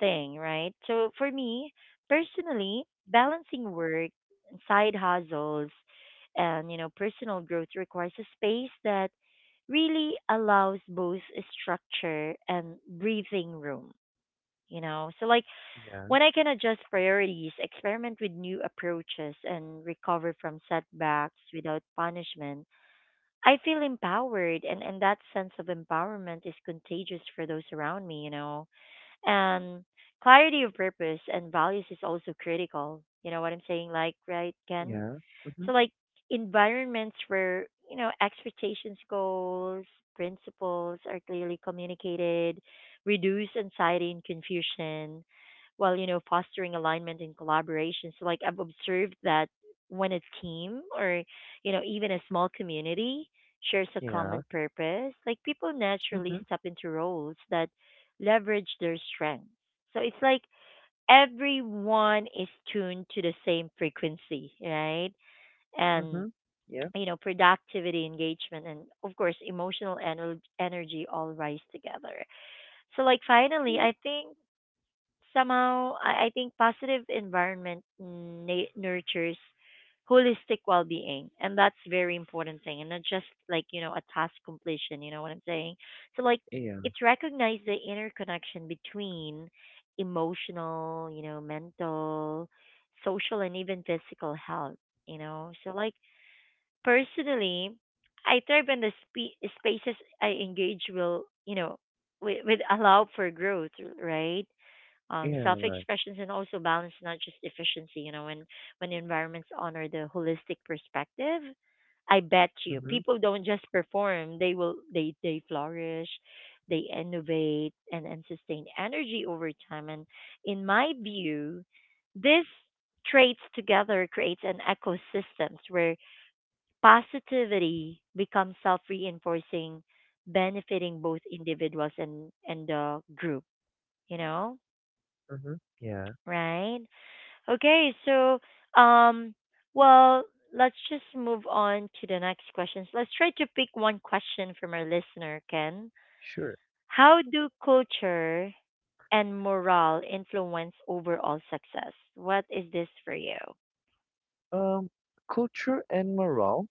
A: thing, right? So for me personally, balancing work, side hustles, and you know personal growth requires a space that really allows both structure and breathing room, you know? So like
B: Yeah,
A: when I can adjust priorities, experiment with new approaches, and recover from setbacks without punishment, I feel empowered, and and that sense of empowerment is contagious for those around me, you know? And clarity of purpose and values is also critical, you know what I'm saying, like, right, Ken?
B: yeah, mm-hmm.
A: So like environments where, you know, expectations, goals, principles are clearly communicated, reduce anxiety and confusion while, you know, fostering alignment and collaboration. So like I've observed that when a team, or, you know, even a small community shares a
B: Yeah,
A: common purpose, like people naturally
B: mm-hmm.
A: step into roles that leverage their strengths. So it's like everyone is tuned to the same frequency, right? And
B: Mm-hmm. Yeah,
A: you know productivity, engagement, and of course emotional ener- energy all rise together. So like finally I think somehow i, I think positive environment na- nurtures holistic well-being, and that's very important thing, and not just like you know a task completion, you know what I'm saying? So like
B: yeah,
A: it's recognized the interconnection between emotional, you know, mental, social, and even physical health, you know? So like personally, I thrive in the spe- spaces I engage will, you know, with, with allow for growth, right? Um,
B: yeah,
A: self
B: right,
A: expressions and also balance, not just efficiency. You know, when when environments honor the holistic perspective, I bet you
B: mm-hmm.
A: people don't just perform; they will they they flourish, they innovate and and sustain energy over time. And in my view, this traits together creates an ecosystem where positivity becomes self reinforcing, benefiting both individuals and, and the group, you know?
B: Mm-hmm. Yeah.
A: Right? Okay, so, um, well, let's just move on to the next questions. Let's try to pick one question from our listener, Ken.
B: Sure.
A: How do culture and morale influence overall success? What is this for you?
B: Um, culture and morale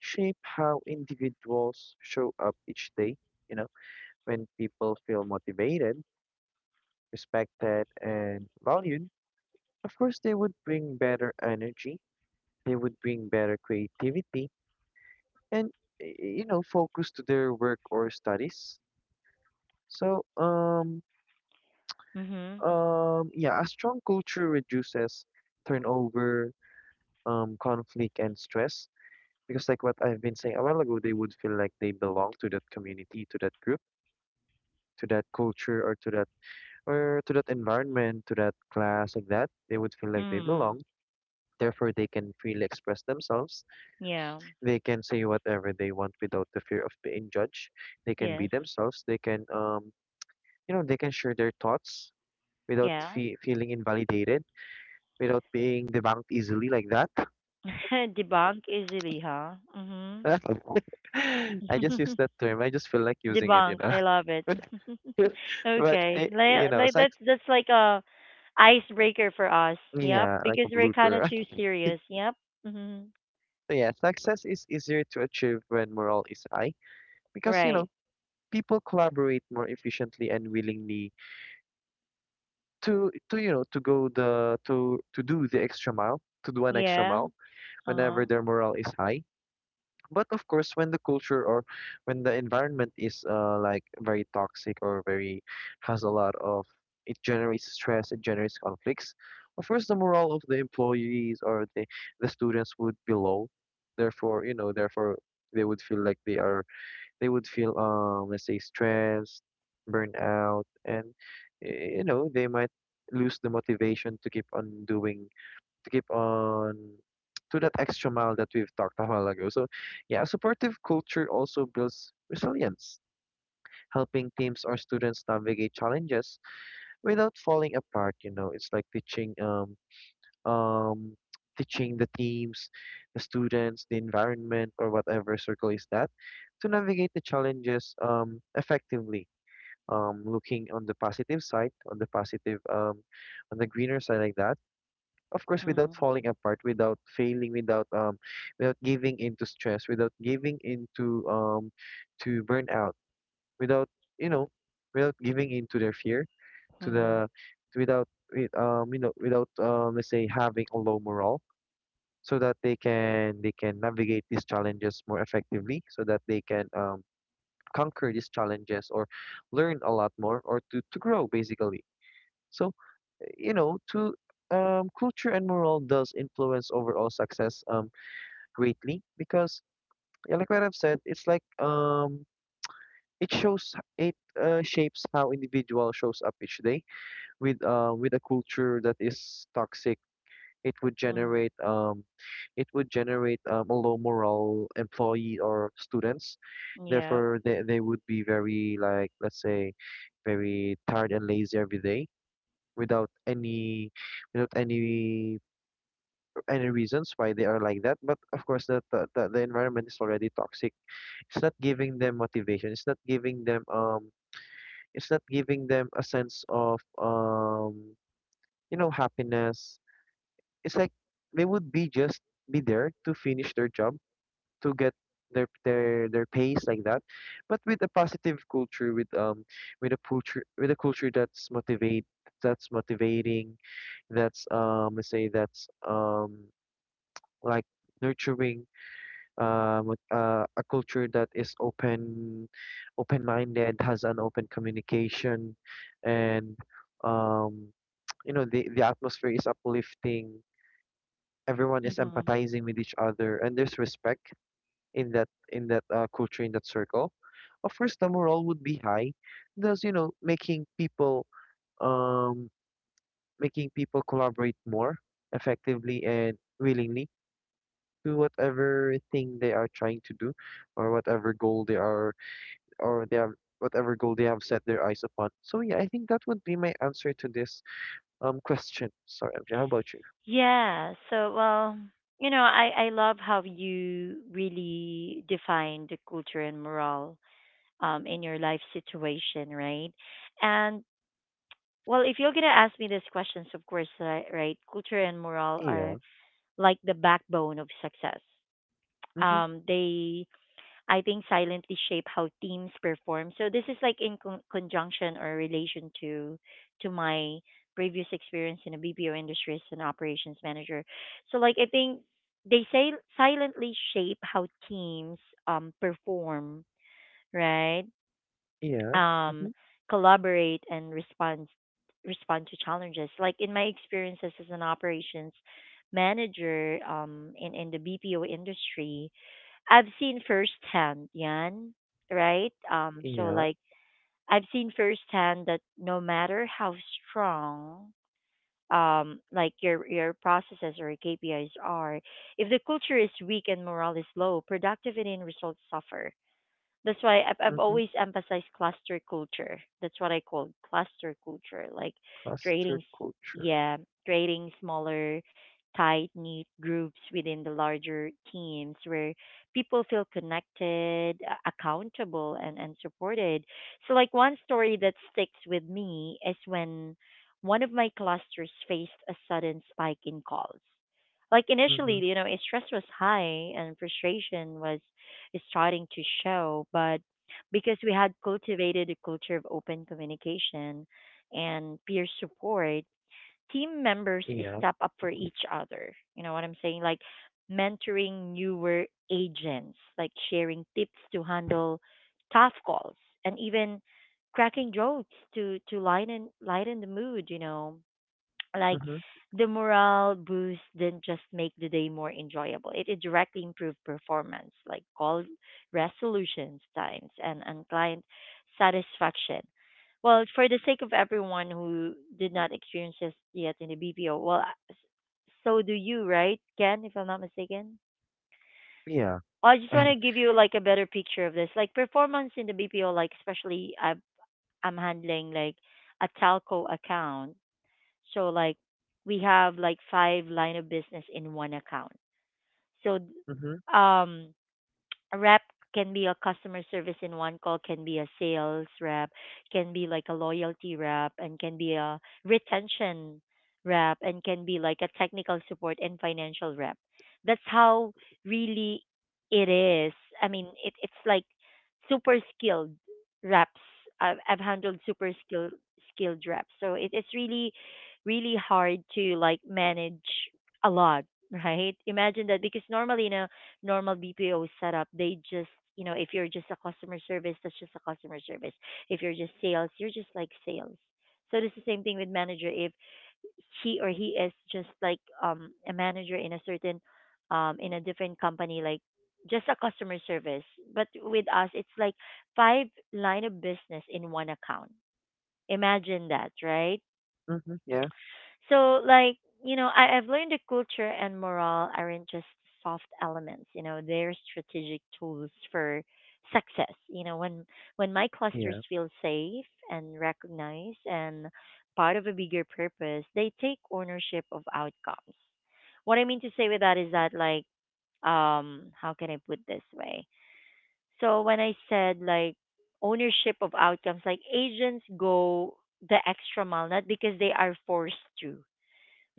B: shape how individuals show up each day. You know, when people feel motivated, respected, and valued, of course they would bring better energy, they would bring better creativity, and, y- you know, focus to their work or studies. So, um,
A: Mm-hmm.
B: um, yeah, a strong culture reduces turnover, um, conflict, and stress. Because like what I've been saying a while ago, they would feel like they belong to that community, to that group, to that culture, or to that or to that environment, to that class, like that. They would feel like they
A: Mm.
B: belong. Therefore, they can freely express themselves.
A: Yeah.
B: They can say whatever they want without the fear of being judged. They can be
A: Yes.
B: themselves. They can um you know they can share their thoughts without
A: Yeah.
B: fe- feeling invalidated, without being debunked easily like that.
A: Debunk easily, huh? Mm-hmm.
B: I just use that term. I just feel like using it, you
A: Debunk.
B: know.
A: I love it.
B: But
A: Okay.
B: eh, you
A: Like,
B: know,
A: like that's
B: sex,
A: that's like a icebreaker for us. Yep.
B: yeah, like
A: Because
B: a
A: we're kind of
B: blooper.
A: too serious. Yep. Mhm.
B: So yeah, success is easier to achieve when morale is high because you
A: Right.
B: know people collaborate more efficiently and willingly to to you know to go the to to do the extra mile to do an extra
A: Yeah.
B: mile whenever
A: Uh-huh.
B: their morale is high. But of course, when the culture or when the environment is uh, like very toxic or very has a lot of it generates stress, it generates conflicts. Of course, the morale of the employees or the the students would be low. Therefore, you know, therefore they would feel like they are they would feel um let's say stressed, burnt out, and eh, you know they might lose the motivation to keep on doing to keep on to that extra mile that we've talked a while ago. So, yeah, a supportive culture also builds resilience, helping teams or students navigate challenges without falling apart. You know, it's like teaching um um teaching the teams, the students, the environment, or whatever circle is that, to navigate the challenges um effectively. Um, looking on the positive side, on the positive, um, on the greener side, like that of course without
A: Mhm.
B: falling apart without failing without um without giving into stress without giving into um to burnout without you know without giving into their fear to
A: Mhm.
B: the without wi- um you know without um let's say having a low morale so that they can they can navigate these challenges more effectively so that they can um conquer these challenges or learn a lot more or to to grow basically so you know to um, culture and morale does influence overall success um, greatly because yeah, like what I've said, it's like um, it shows it uh, shapes how individual shows up each day with uh, with a culture that is toxic. It would
A: Mhm.
B: generate um, it would generate um, a low morale employee or students.
A: Yep.
B: Therefore, they, they would be very like let's say very tired and lazy every day without any without any any reasons why they are like that, but of course the the, the the environment is already toxic. It's not giving them motivation, it's not giving them um it's not giving them a sense of um you know happiness. It's like they would be just be there to finish their job to get their their their pace like that. But with a positive culture with um with a culture with a culture that's motivate that's motivating, that's um let's say that's um like nurturing, um, with, uh, a culture that is open, open-minded, has an open communication, and um, you know the the atmosphere is uplifting. Everyone is
A: Mhm.
B: empathizing with each other, and there's respect in that in that uh, culture in that circle. Of course, the morale would be high, thus you know making people um, making people collaborate more effectively and willingly to whatever thing they are trying to do or whatever goal they are or their whatever goal they have set their eyes upon. So yeah, I think that would be my answer to this um question. Sorry, M J, how about you?
A: Yeah. So, well, you know, I I love how you really define the culture and morale, um, in your life situation, right? And well, if you're gonna ask me these questions, of course, uh, right? Culture and morale are
B: Yeah.
A: like the backbone of success.
B: Mm-hmm.
A: Um, they, I think, silently shape how teams perform. So this is like in con- conjunction or relation to to my previous experience in the B P O industry as an operations manager. So like I think they say silently shape how teams um perform, right?
B: Yeah.
A: Um,
B: Mm-hmm.
A: collaborate and respond respond to challenges. Like in my experiences as an operations manager, um, in in the B P O industry, I've seen firsthand, yan, right? Um, so
B: Yeah.
A: like I've seen firsthand that no matter how strong um like your your processes or your K P Is are, if the culture is weak and morale is low, productivity and results suffer. That's why I've, I've
B: Mm-hmm.
A: always emphasized cluster culture. That's what I call cluster culture, like creating,
B: Cluster
A: s-
B: culture.
A: yeah, creating smaller, tight knit groups within the larger teams where people feel connected, a- accountable, and, and supported. So, like, one story that sticks with me is when one of my clusters faced a sudden spike in calls. Like,
B: Mm-hmm.
A: initially, you know, stress was high and frustration was is starting to show, but because we had cultivated a culture of open communication and peer support, team members
B: Yeah.
A: step up for each other. You know what I'm saying? Like mentoring newer agents, like sharing tips to handle tough calls, and even cracking jokes to to lighten lighten the mood. You know, like
B: Mm-hmm.
A: the morale boost didn't just make the day more enjoyable, it, it directly improved performance, like call resolutions times and, and client satisfaction. Well, for the sake of everyone who did not experience this yet in the BPO, well s- so do you, right, Ken, if I'm not mistaken?
B: Yeah.
A: Oh, I just want to give you like a better picture of this like performance in the BPO, like especially i'm, I'm handling like a telco account. So like we have like five line of business in one account. So
B: Mm-hmm.
A: um a rep can be a customer service in one call, can be a sales rep, can be like a loyalty rep, and can be a retention rep, and can be like a technical support and financial rep. That's how really it is. I mean, it, it's like super skilled reps. I've, I've handled super skilled skilled reps, so it, it's really, really hard to like manage a lot, right? Imagine that because normally, you know, normal B P O setup, they just you know if you're just a customer service, that's just a customer service. If you're just sales, you're just like sales. So it's the same thing with manager. If he or he is just like um a manager in a certain um in a different company, like just a customer service. But with us, it's like five line of business in one account. Imagine that, right?
B: Mm-hmm. Yeah.
A: So like, you know, I, I've learned that culture and morale aren't just soft elements, you know, they're strategic tools for success. You know, when when my clusters
B: Yeah.
A: feel safe and recognized and part of a bigger purpose, they take ownership of outcomes. What I mean to say with that is that like um how can I put this way? So when I said like ownership of outcomes, like agents go the extra mile, not because they are forced to,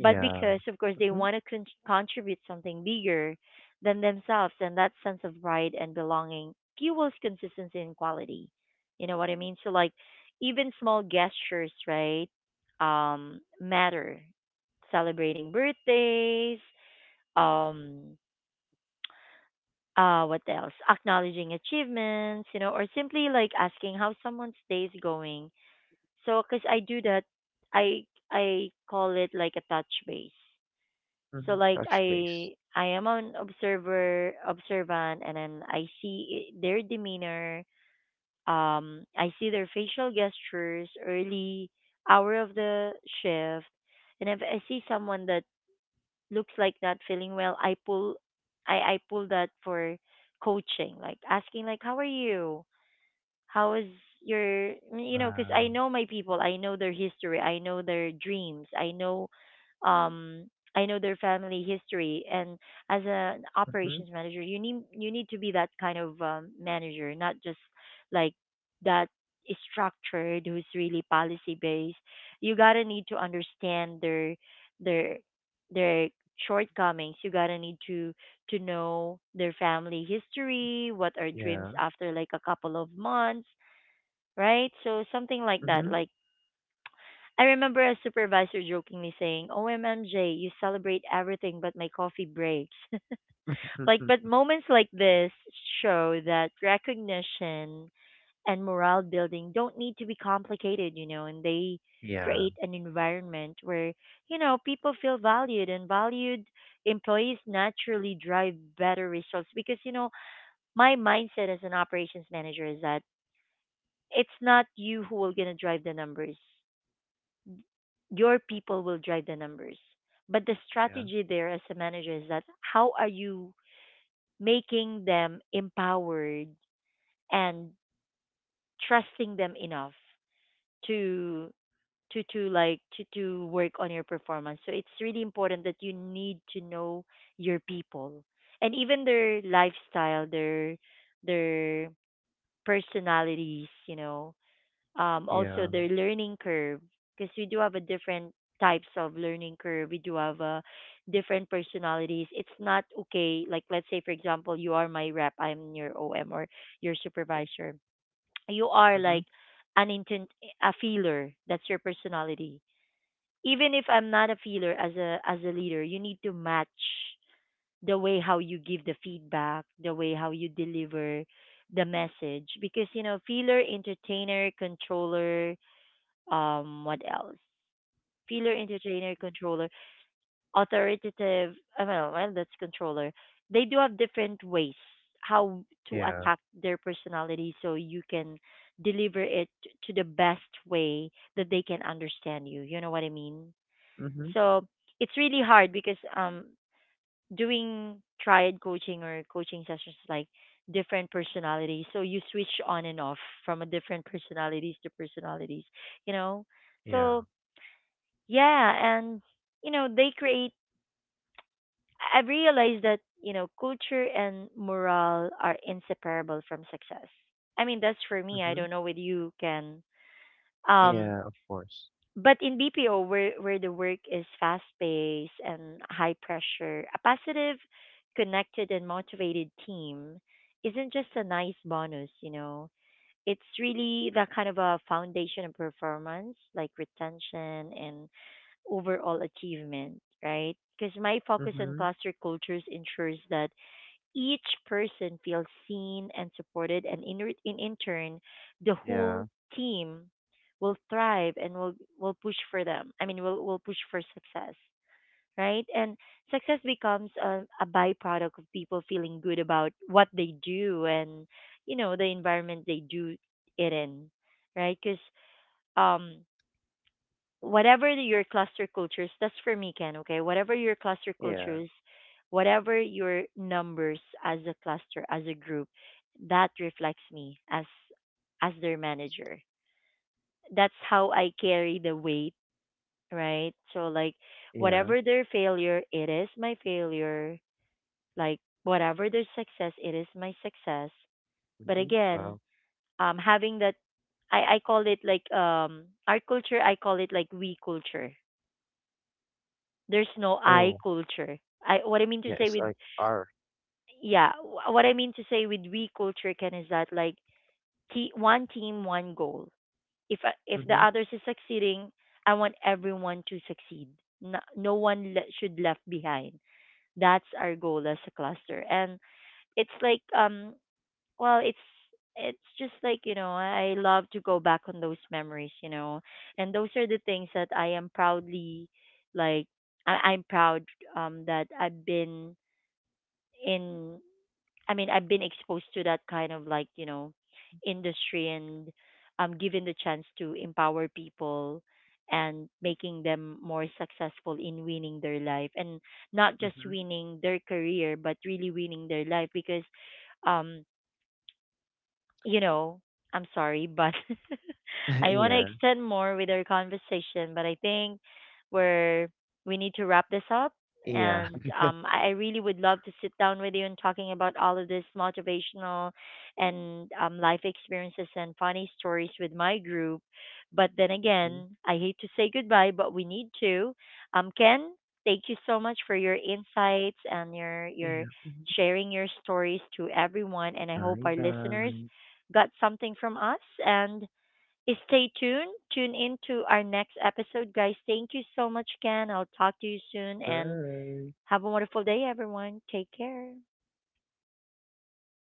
A: but because of course they
B: Mm-hmm.
A: want to con- contribute something bigger than themselves, and that sense of pride and belonging fuels consistency and quality, you know what I mean. So like even small gestures, right, um matter: celebrating birthdays, um uh what else, acknowledging achievements, you know, or simply like asking how someone's day is going. So because I do that, i i call it like a touch base. So
B: Mm-hmm.
A: like
B: Touch
A: I
B: base.
A: I am an observer, observant, and then I see i- their demeanor, um I see their facial gestures early hour of the shift. And if I see someone that looks like not feeling well, I pull, I I pull that for coaching, like asking like how are you? How is your, you know? Because I
B: Wow.
A: know my people. I know their history. I know their dreams. I know, um I know their family history. And as an
B: Mm-hmm.
A: operations manager, you need you need to be that kind of um, manager, not just like that is structured, who's really policy based. You got to need to understand their their their shortcomings. You got to need to to know their family history, what are dreams
B: Yeah.
A: after like a couple of months, right? So something like that.
B: Mm-hmm.
A: Like I remember a supervisor jokingly saying, "O M M J, you celebrate everything but my coffee breaks." Like but
B: Mm-hmm.
A: moments like this show that recognition and morale building don't need to be complicated, you know, and they
B: Yeah.
A: create an environment where, you know, people feel valued, and valued employees naturally drive better results. Because you know, my mindset as an operations manager is that it's not you who are going to drive the numbers. Your people will drive the numbers. But the
B: Yeah.
A: strategy there as a manager is that how are you making them empowered and trusting them enough to, to to like to to work on your performance. So it's really important that you need to know your people, and even their lifestyle, their their personalities, you know, um, also
B: Yeah.
A: their learning curve, because we do have a different types of learning curve. We do have uh, different personalities. It's not okay, like let's say for example you are my rep, I'm your om or your supervisor, you are
B: Mm-hmm.
A: like an intent, a feeler, that's your personality. Even if I'm not a feeler, as a as a leader you need to match the way how you give the feedback, the way how you deliver the message, because you know, feeler, entertainer, controller, um what else, feeler, entertainer, controller, authoritative, I don't know, well that's controller. They do have different ways how to
B: Yeah.
A: attack their personality, so you can deliver it to the best way that they can understand you, you know what I mean.
B: Mm-hmm.
A: So it's really hard because um doing triad coaching or coaching sessions is like different personalities, so you switch on and off from a different personalities to personalities, you know.
B: Yeah.
A: So yeah, and you know, they create, I- have realized that, you know, culture and morale are inseparable from success. I mean, that's for me. I
B: Mm-hmm.
A: don't know with you, Ken. Um,
B: Yeah, of course.
A: but in B P O where where the work is fast paced and high pressure, a positive, connected and motivated team isn't just a nice bonus, you know. It's really the kind of a foundation of performance, like retention and overall achievement, right? Because my focus on
B: Mm-hmm.
A: cluster cultures ensures that each person feels seen and supported, and in, re- in, in turn, the whole
B: Yeah,
A: team will thrive and will, will push for them. I mean, will will push for success, right? And success becomes a, a byproduct of people feeling good about what they do and, you know, the environment they do it in, right? Because um whatever the- your cluster cultures, that's for me, Ken, okay? Whatever your cluster
B: yeah,
A: cultures, whatever your numbers as a cluster, as a group, that reflects me as as their manager. That's how I carry the weight, right? So like
B: yeah.
A: whatever their failure, it is my failure. Like whatever their success, it is my success. But
B: Hmm.
A: again,
B: Wow.
A: um having that, I, I call it like um our culture, I call it like we culture. There's no I
B: Oh,
A: culture. I what I mean to
B: yeah,
A: say
B: it's
A: with,
B: like R.
A: yeah, wh- what I mean to say with we culture, Ken, is that like te- one team, one goal. If I- if the
B: Mm-hmm,
A: others is succeeding, I want everyone to succeed. No, no one le- should left behind. That's our goal as a cluster. And it's like um well it's it's just like, you know, I love to go back on those memories, you know, and those are the things that I am proudly, like I, I'm proud um that I've been in, I mean I've been exposed to that kind of like, you know, industry, and um given the chance to empower people and making them more successful in winning their life, and not just
B: mm-hmm.
A: winning their career but really winning their life. Because um you know, I'm sorry, but I want to
B: Yeah,
A: extend more with our conversation, but I think we're, we need to wrap this up.
B: yeah.
A: And um, I I really would love to sit down with you and talking about all of this motivational and, um, life experiences and funny stories with my group. But then
B: Hmm.
A: again, I hate to say goodbye, but we need to. Um, Ken, thank you so much for your insights and your your
B: Yeah. Hmm.
A: sharing your stories to everyone. And I hope
B: Bye
A: our listeners
B: bye.
A: got something from us. And stay tuned. Tune into our next episode, guys. Thank you so much, Ken. I'll talk to you soon, and
B: Bye.
A: have a wonderful day, everyone. Take care.